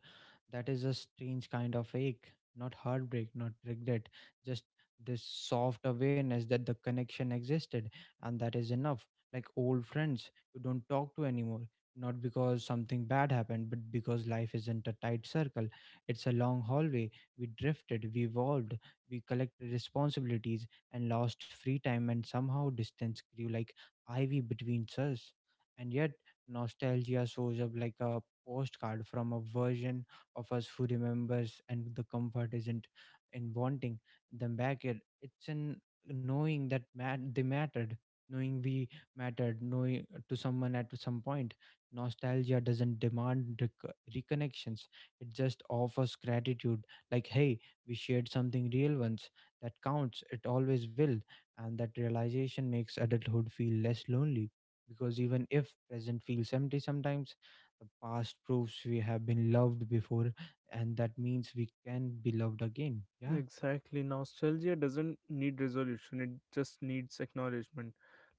Speaker 1: That is a strange kind of ache, not heartbreak, not regret, just this soft awareness that the connection existed, and that is enough. Like old friends you don't talk to anymore, not because something bad happened, but because life isn't a tight circle. It's a long hallway. We drifted, we evolved, we collected responsibilities and lost free time, and somehow distance grew like ivy between us. And yet, nostalgia shows up like a postcard from a version of us who remembers, and the comfort isn't in wanting them back, yet it's in knowing that mat- they mattered, knowing we mattered, knowing to someone at some point. Nostalgia doesn't demand rec- reconnections, it just offers gratitude. Like, hey, we shared something real once, that counts, it always will. And that realization makes adulthood feel less lonely, because even if present feels empty sometimes, the past proves we have been loved before, and that means we can be loved again. Yeah.
Speaker 2: Exactly. Nostalgia doesn't need resolution, it just needs acknowledgement.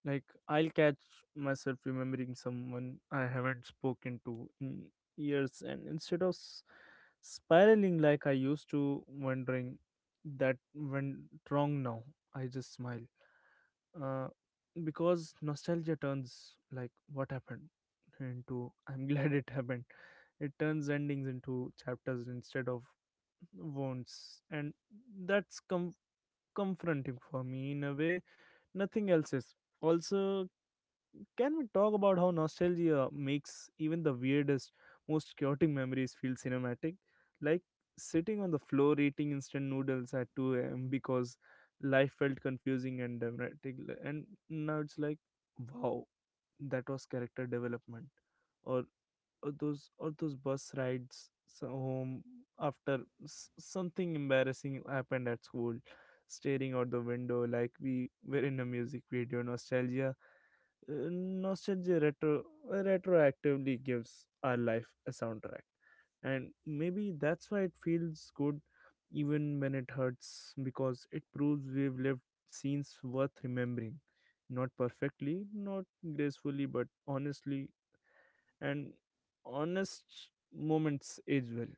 Speaker 2: Like, I'll catch myself remembering someone I haven't spoken to in years, and instead of s- spiraling like I used to, wondering that went wrong now, I just smile, uh, because nostalgia turns like what happened into, [laughs] I'm glad it happened. It turns endings into chapters instead of wounds. And that's com- confronting for me in a way nothing else is. Also, can we talk about how nostalgia makes even the weirdest, most chaotic memories feel cinematic? Like sitting on the floor eating instant noodles at two a m because life felt confusing and dramatic. li- And now it's like, wow, that was character development. Or, or those or those bus rides so home after s- something embarrassing happened at school, staring out the window like we were in a music video. Nostalgia, uh, nostalgia retro uh, retroactively gives our life a soundtrack. And maybe that's why it feels good even when it hurts, because it proves we've lived scenes worth remembering, not perfectly, not gracefully, but honestly. And honest moments age well.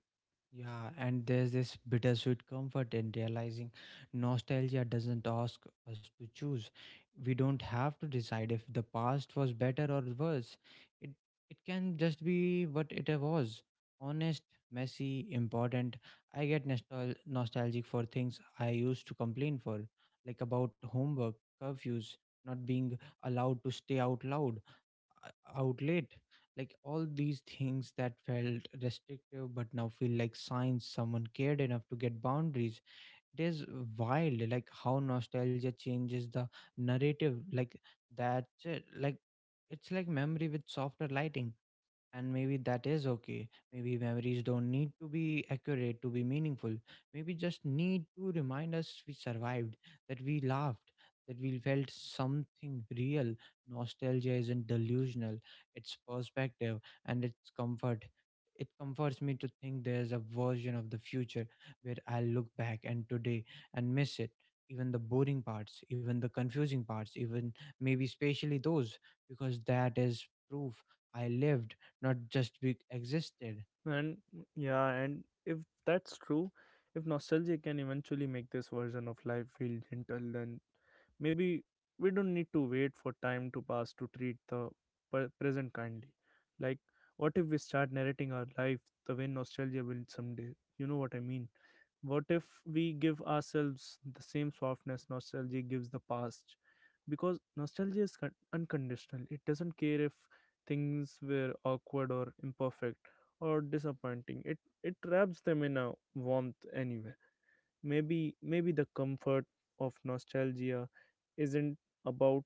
Speaker 1: Yeah, and there's this bittersweet comfort in realizing nostalgia doesn't ask us to choose. We don't have to decide if the past was better or worse. It it can just be what it was. Honest, messy, important. I get nostal- nostalgic for things I used to complain for, like about homework, curfews, not being allowed to stay out loud, uh, out like all these things that felt restrictive but now feel like signs someone cared enough to get boundaries. It is wild, like how nostalgia changes the narrative, like that, like it's like memory with softer lighting. And maybe that is okay. Maybe memories don't need to be accurate to be meaningful. Maybe just need to remind us we survived, that we laughed, that we felt something real. Nostalgia isn't delusional, it's perspective and it's comfort. It comforts me to think there's a version of the future where I'll look back and today and miss it. Even the boring parts, even the confusing parts, even maybe especially those, because that is proof I lived, not just be existed.
Speaker 2: And yeah, and if that's true, if nostalgia can eventually make this version of life feel gentle, then maybe we don't need to wait for time to pass to treat the pre- present kindly. Like, what if we start narrating our life the way nostalgia will someday? You know what I mean? What if we give ourselves the same softness nostalgia gives the past? Because nostalgia is con- unconditional, it doesn't care if things were awkward or imperfect or disappointing, it, it wraps them in a warmth anyway. Maybe maybe the comfort of nostalgia isn't about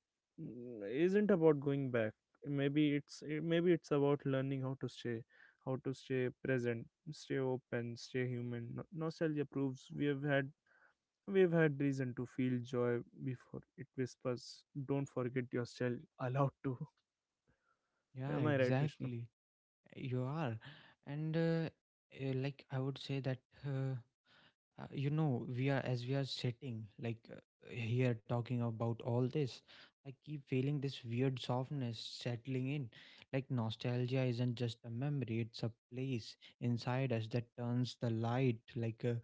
Speaker 2: isn't about going back. Maybe it's maybe it's about learning how to stay, how to stay present, stay open, stay human. No- Nostalgia proves we have had we've had reason to feel joy before it whispers, don't forget you're still allowed to.
Speaker 1: Yeah,
Speaker 2: Am I right, Vishnu?
Speaker 1: exactly. You are. And uh, uh, like I would say that, uh, Uh, you know, we are as we are sitting, like uh, here talking about all this, I keep feeling this weird softness settling in. Like nostalgia isn't just a memory, it's a place inside us that turns the light, like a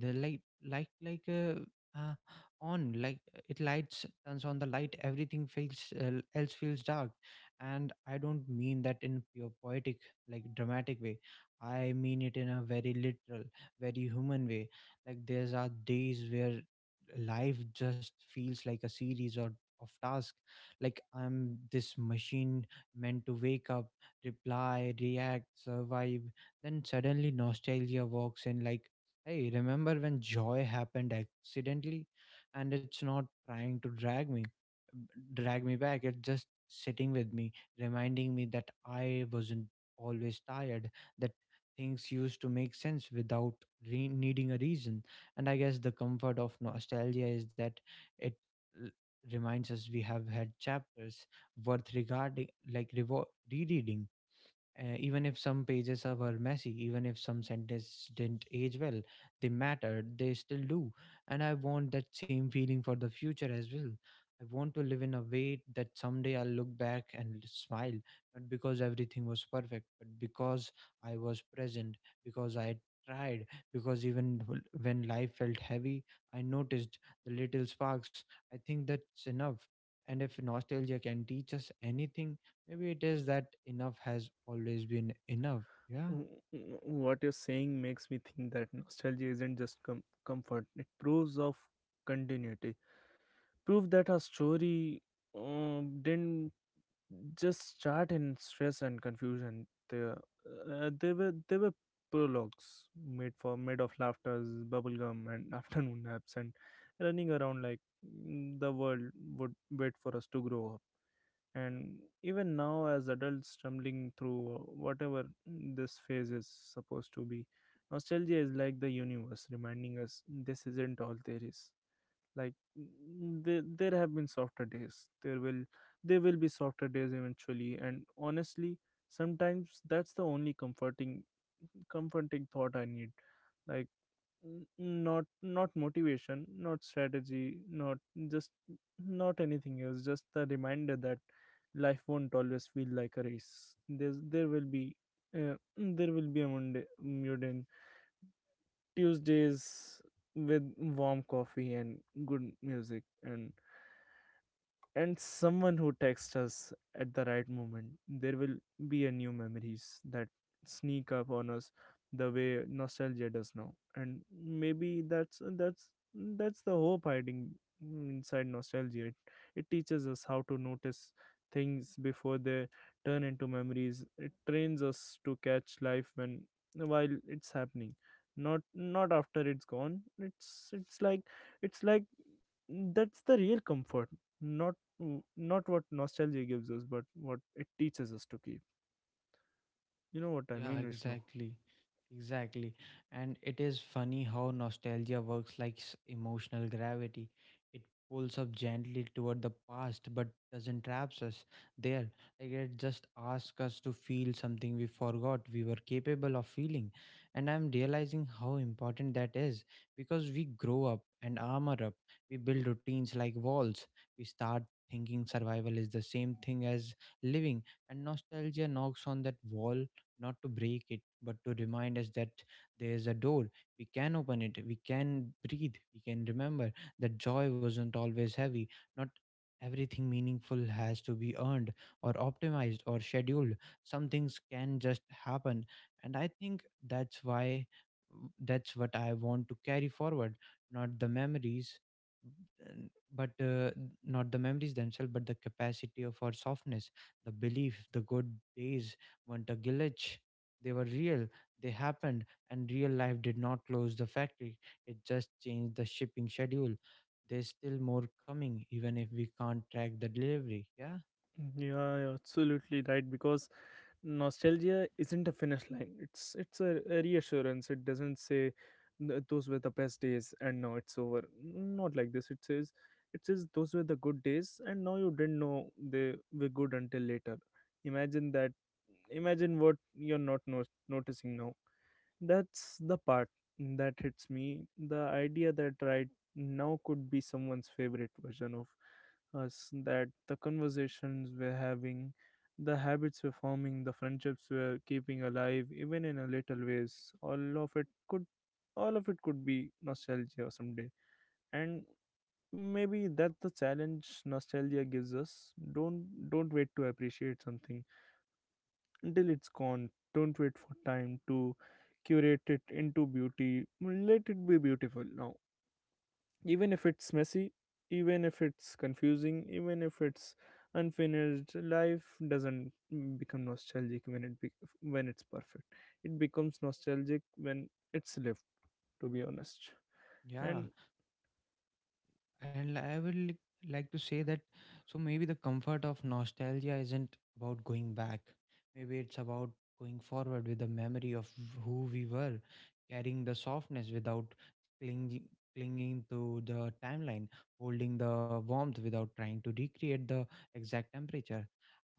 Speaker 1: the light light like, uh, uh, on, like uh, it lights turns on the light, everything feels uh, else feels dark. And I don't mean that in pure poetic, like dramatic way, I mean it in a very literal, very human way. Like there's are days where life just feels like a series or of task, like I'm this machine meant to wake up, reply, react, survive, then suddenly nostalgia walks in like, hey, remember when joy happened accidentally. And it's not trying to drag me drag me back, it's just sitting with me, reminding me that I wasn't always tired, that things used to make sense without re- needing a reason. And I guess the comfort of nostalgia is that it l- reminds us we have had chapters worth regarding, like revo- rereading, uh, even if some pages are- were messy, even if some sentences didn't age well, they mattered, they still do. And I want that same feeling for the future as well. I want to live in a way that someday I'll look back and smile, not because everything was perfect, but because I was present, because I tried, because even wh- when life felt heavy, I noticed the little sparks. I think that's enough. And if nostalgia can teach us anything, maybe it is that enough has always been enough. Yeah.
Speaker 2: W- w- what you're saying makes me think that nostalgia isn't just com- comfort, it proves of continuity, prove that her story um, didn't just start in stress and confusion. They, uh, they were they were prologues made for made of laughters, bubblegum, and [laughs] afternoon naps, and running around like mm, the world would wait for us to grow up. And even now, as adults stumbling through uh, whatever this phase is supposed to be, nostalgia is like the universe reminding us this isn't all there is. Like, n- there, there have been softer days, there will there will be softer days eventually, and honestly, sometimes that's the only comforting comforting thought I need. Like, n- not, not motivation, not strategy, not just, not anything else, just the reminder that life won't always feel like a race. There's there will be uh, there will be a Monday, Tuesdays with warm coffee and good music and and someone who texts us at the right moment. There will be a new memories that sneak up on us the way nostalgia does now, and maybe that's that's that's the hope hiding inside nostalgia. It, it teaches us how to notice things before they turn into memories. It trains us to catch life when while it's happening, not not after it's gone. It's it's like it's like that's the real comfort, not, w- not what nostalgia gives us, but what it teaches us to keep. You know what I
Speaker 1: Yeah,
Speaker 2: mean, Vishnu?
Speaker 1: exactly. Exactly. And it is funny how nostalgia works like s- emotional gravity. It pulls up gently toward the past but doesn't traps us there. Like it just asks us to feel something we forgot we were capable of feeling. And I'm realizing how important that is, because we grow up and armor up. We build routines like walls. We start thinking survival is the same thing as living, and nostalgia knocks on that wall, not to break it, but to remind us that there's a door. We can open it, we can breathe, we can remember that joy wasn't always heavy. Not everything meaningful has to be earned or optimized or scheduled. Some things can just happen. And I think that's why that's what I want to carry forward, not the memories, n- but uh, n- not the memories themselves, but the capacity of our softness, the belief the good days weren't a glitch. They were real, they happened, and real life did not close the factory. It just changed the shipping schedule. There's still more coming, even if we can't track the delivery. Yeah,
Speaker 2: Yeah, you're absolutely right. Because nostalgia isn't a finish line, it's it's a, a reassurance. It doesn't say, "Th- those were the best days and now it's over," not like this. It says, it says those were the good days and now you didn't know they were good until later. Imagine that. Imagine what you're not no- noticing now. That's the part that hits me, the idea that right now could be someone's favorite version of us, that the conversations we're having, the habits were forming, the friendships were keeping alive, even in a little ways, all of it could, all of it could be nostalgia someday, and maybe that's the challenge nostalgia gives us. Don't don't wait to appreciate something until it's gone. Don't wait for time to curate it into beauty. Let it be beautiful now, even if it's messy, even if it's confusing, even if it's unfinished. Life doesn't mm, become nostalgic when it be- when it's perfect, it becomes nostalgic when it's lived, to be honest.
Speaker 1: yeah.
Speaker 2: And
Speaker 1: And I will like to say that so maybe the comfort of nostalgia isn't about going back. Maybe it's about going forward with the memory of who we were, carrying the softness without clinging clinging to the timeline, holding the warmth without trying to recreate the exact temperature.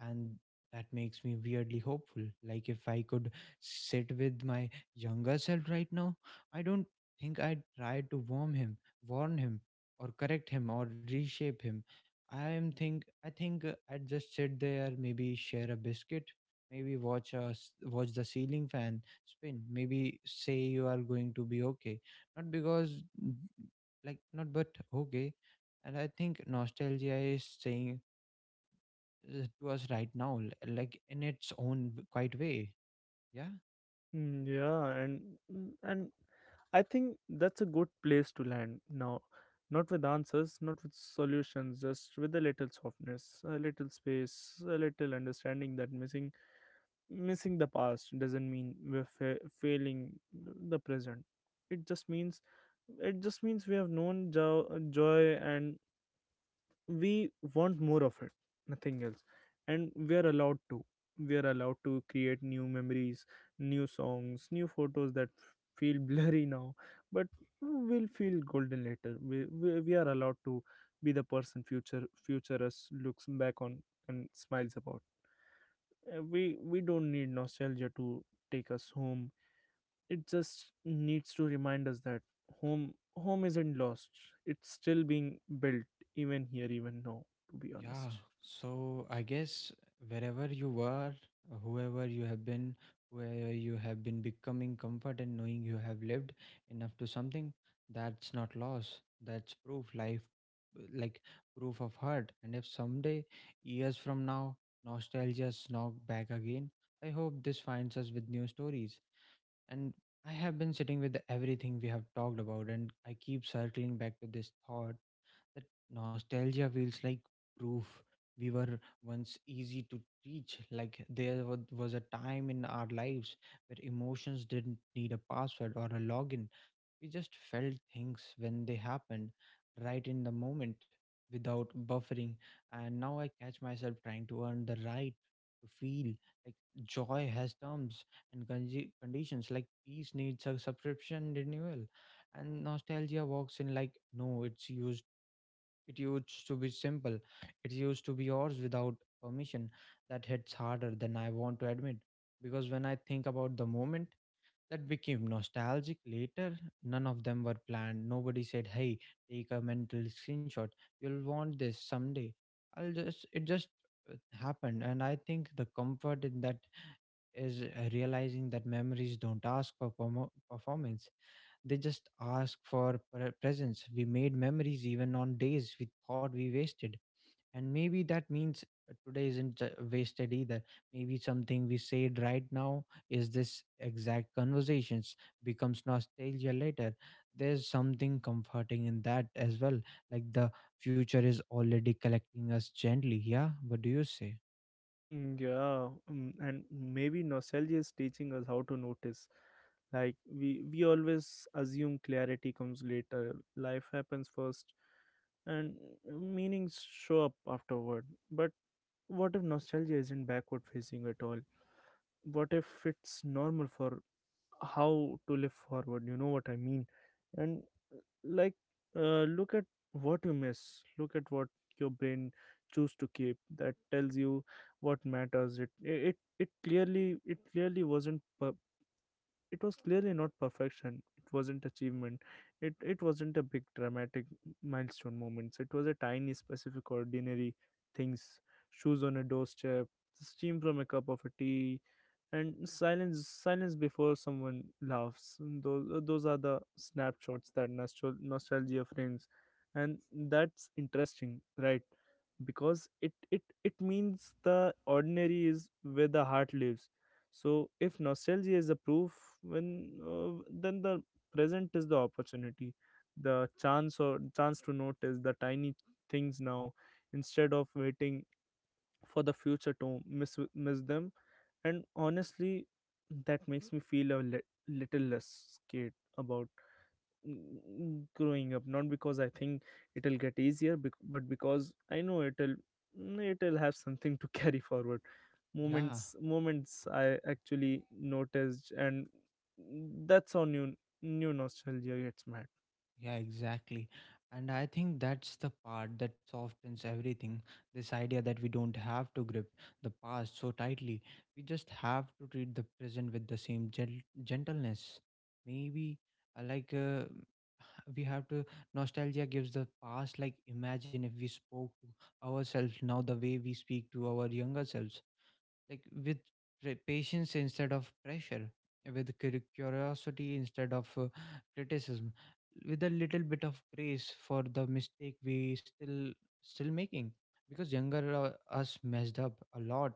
Speaker 1: And that makes me weirdly hopeful. Like if I could sit with my younger self right now, I don't think I'd try to warm him, warn him or correct him or reshape him. I am think I think uh, I'd just sit there, maybe share a biscuit, maybe watch us watch the ceiling fan spin, maybe say you are going to be okay, not because like not but okay. And I think nostalgia is saying uh, to us right now, l- like in its own w- quite way. Yeah.
Speaker 2: mm, yeah and mm, and i think that's a good place to land now, not with answers, not with solutions, just with a little softness, a little space, a little understanding that missing missing the past doesn't mean we're fa- failing the present. It just means, it just means we have known jo- joy and we want more of it, nothing else. And we are allowed to, we are allowed to create new memories, new songs, new photos that f- feel [laughs] blurry now but will feel golden later. We, we, we are allowed to be the person future future us looks back on and smiles about. Uh, we we don't need nostalgia to take us home. It just needs to remind us that home home isn't lost. It's still being built, even here, even now, to be
Speaker 1: Yeah,
Speaker 2: honest.
Speaker 1: so I guess wherever you were, whoever you have been, where you have been becoming comfort and knowing you have lived enough to something, that's not loss. That's proof, life, like proof of heart. And if someday, years from now, nostalgia knock back again, I hope this finds us with new stories. And I have been sitting with everything we have talked about, and I keep circling back to this thought, that nostalgia feels like proof we were once easy to reach. Like there wa- was a time in our lives where emotions didn't need a password or a login, we just felt things when they happened, right in the moment, without buffering. And now I catch myself trying to earn the right to feel, like joy has terms and conge- conditions, like peace needs a subscription renewal. And nostalgia walks in like, no, it's used. It used to be simple. It used to be yours without permission. That hits harder than I want to admit, because when I think about the moment that became nostalgic later, none of them were planned. Nobody said, "Hey, take a mental screenshot. You'll want this someday." I'll just it just uh, happened, and I think the comfort in that is, uh, realizing that memories don't ask for permo- performance. They just ask for pre- presence. We made memories even on days we thought we wasted, and maybe that means uh, today isn't ju- wasted either, maybe something we said right now, is this exact conversations becomes nostalgia later. There's something comforting in that as well, like the future is already collecting us gently. Yeah, what do you say?
Speaker 2: Mm, Yeah, mm, and maybe nostalgia is teaching us how to notice. Like, we we always assume clarity comes later, life happens first and meanings show up afterward. But what if nostalgia isn't backward facing at all? What if it's normal for how to live forward? You know what I mean? And, like, uh, look at what you miss, look at what your brain choose to keep. That tells you what matters. It it it clearly it clearly wasn't per- it was clearly not perfection, it wasn't achievement, it it wasn't a big dramatic milestone moments, it was a tiny specific ordinary things. Shoes on a doorstep, the steam from a cup of a tea, and silence silence before someone laughs. Those uh, those are the snapshots that nostal- nostalgia frames. And that's interesting, right? Because it it it means the ordinary is where the heart lives. So if nostalgia is the proof, when uh, then the present is the opportunity, the chance or chance to notice the tiny things now instead of waiting for the future to miss miss them. And honestly, that makes me feel a li- little less scared about mm, growing up, not because I think it'll get easier, bec- but because I know it'll mm, it'll have something to [laughs] carry forward,
Speaker 1: Yeah.
Speaker 2: moments moments I actually noticed. And that's how new new nostalgia gets mad.
Speaker 1: Yeah, exactly. And I think that's the part that softens everything. This idea that we don't have to grip the past so tightly. We just have to treat the present with the same gen- gentleness. Maybe uh, like uh, we have to nostalgia gives the past, like imagine if we spoke to ourselves now the way we speak to our younger selves, like with re- patience instead of pressure, with cur- curiosity instead of uh, criticism, with a little bit of grace for the mistake we still still making. Because younger uh, us messed up a lot,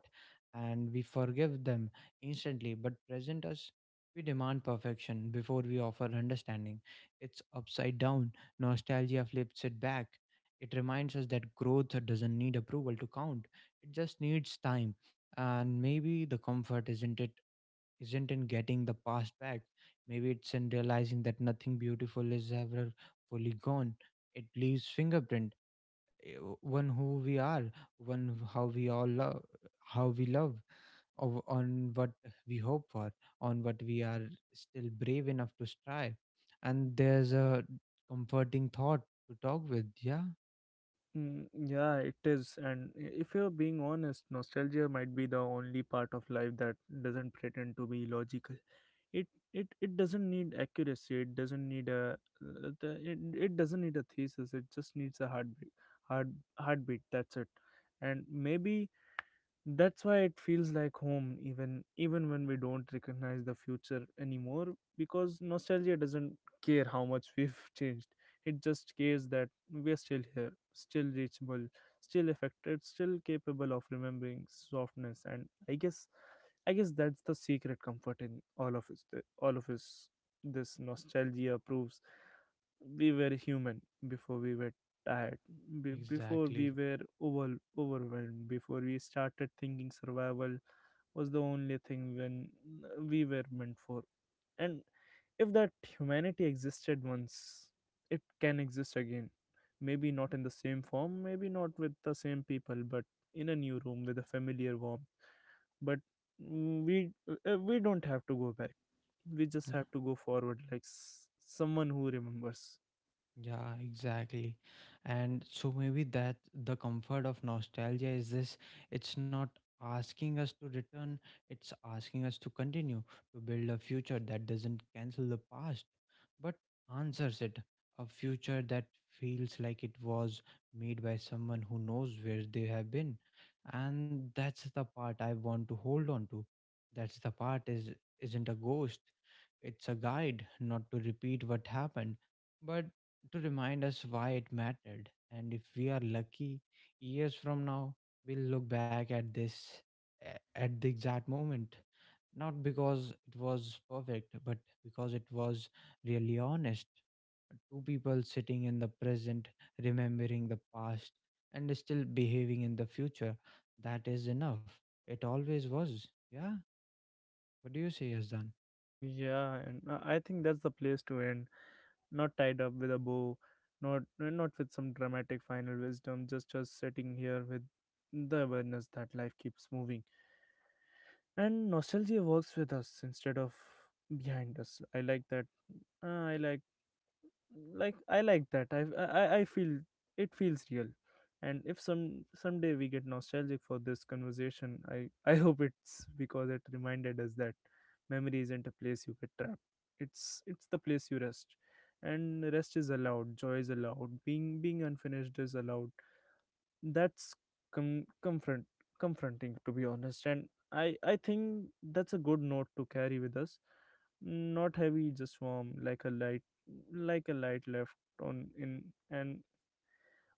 Speaker 1: and we forgive them instantly, but present us, we demand perfection before we offer understanding. It's upside down. Nostalgia flips it back. It reminds us that growth doesn't need approval to count, it just needs time. And maybe the comfort isn't, it isn't in getting the past back, maybe it's in realizing that nothing beautiful is ever fully gone. It leaves fingerprint, eh, one who we are, one how we all love how we love, of- on what we hope for, on what we are still brave enough to strive. And there's a comforting thought to talk with. Yeah.
Speaker 2: Mm, yeah, it is. And if you're being honest, nostalgia might be the only part of life that doesn't pretend to be logical. It it it doesn't need accuracy. It doesn't need a uh, the- it, it doesn't need a thesis. It just needs a heartbeat, heart heartbeat. That's it. And maybe that's why it feels like home, even even when we don't recognize the future anymore, because nostalgia doesn't care how much we've [laughs] changed. It just cares that we are still here, still reachable, still affected, still capable of remembering softness. And I guess I guess that's the secret comfort in all of us. All of us. This nostalgia proves we were human before we were tired, be- before we
Speaker 1: Exactly.
Speaker 2: were over- overwhelmed, before we started thinking survival was the only thing when uh, we were meant for. And if that humanity existed once, it can exist again, maybe not in the same form, maybe not with the same people, but in a new room with a familiar warmth. But, mm, we, uh, we don't have to go back, we just have to go forward like s- someone who remembers.
Speaker 1: Yeah, exactly. And so maybe that the comfort of nostalgia is this, it's not asking us to return, it's asking us to continue, to build a future that doesn't cancel the past, but answers it. A future that feels like it was made by someone who knows where they have been. And that's the part I want to hold on to. That's the part, is isn't a ghost. It's a guide, not to repeat what happened, but to remind us why it mattered. And if we are lucky, years from now, we'll look back at this a- at the exact moment, not because it was perfect, but because it was really honest. Two people sitting in the present, remembering the past, and still behaving in the future. That is enough. It always was. Yeah. What do you say, Yazdan?
Speaker 2: Mm, yeah, and i I think that's the place to end, not tied up with a bow, not not with some dramatic final wisdom, just us sitting here with the awareness that life keeps moving. And nostalgia works with us instead of behind us. I like that. Uh, I like like I like that I I, I feel it feels real. And if some someday we get nostalgic for this conversation, i i hope it's because it reminded us that memory isn't a place you get trapped, it's it's the place you rest. And rest is allowed, joy is allowed, being being unfinished is allowed. That's com- confront confronting, to be honest. And i i think that's a good note to carry with us, not heavy, just warm, like a light, like a light left on in, and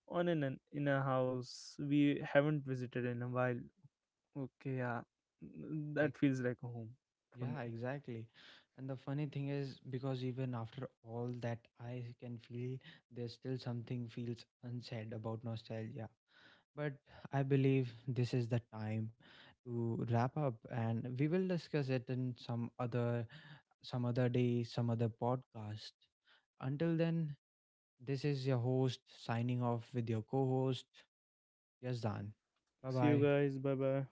Speaker 2: on in an in a house we haven't visited in a while. Okay, yeah,
Speaker 1: Like,
Speaker 2: that feels like a home for me.
Speaker 1: yeah, exactly. And the funny thing is, because even after all that, I can feel there's still something feels unsaid about nostalgia. But I believe this is the time to wrap up, and we will discuss it in some other, some other day, some other podcast. Until then, this is your host signing off with your co-host Yazdan. Bye
Speaker 2: See you
Speaker 1: bye.
Speaker 2: guys. Bye bye.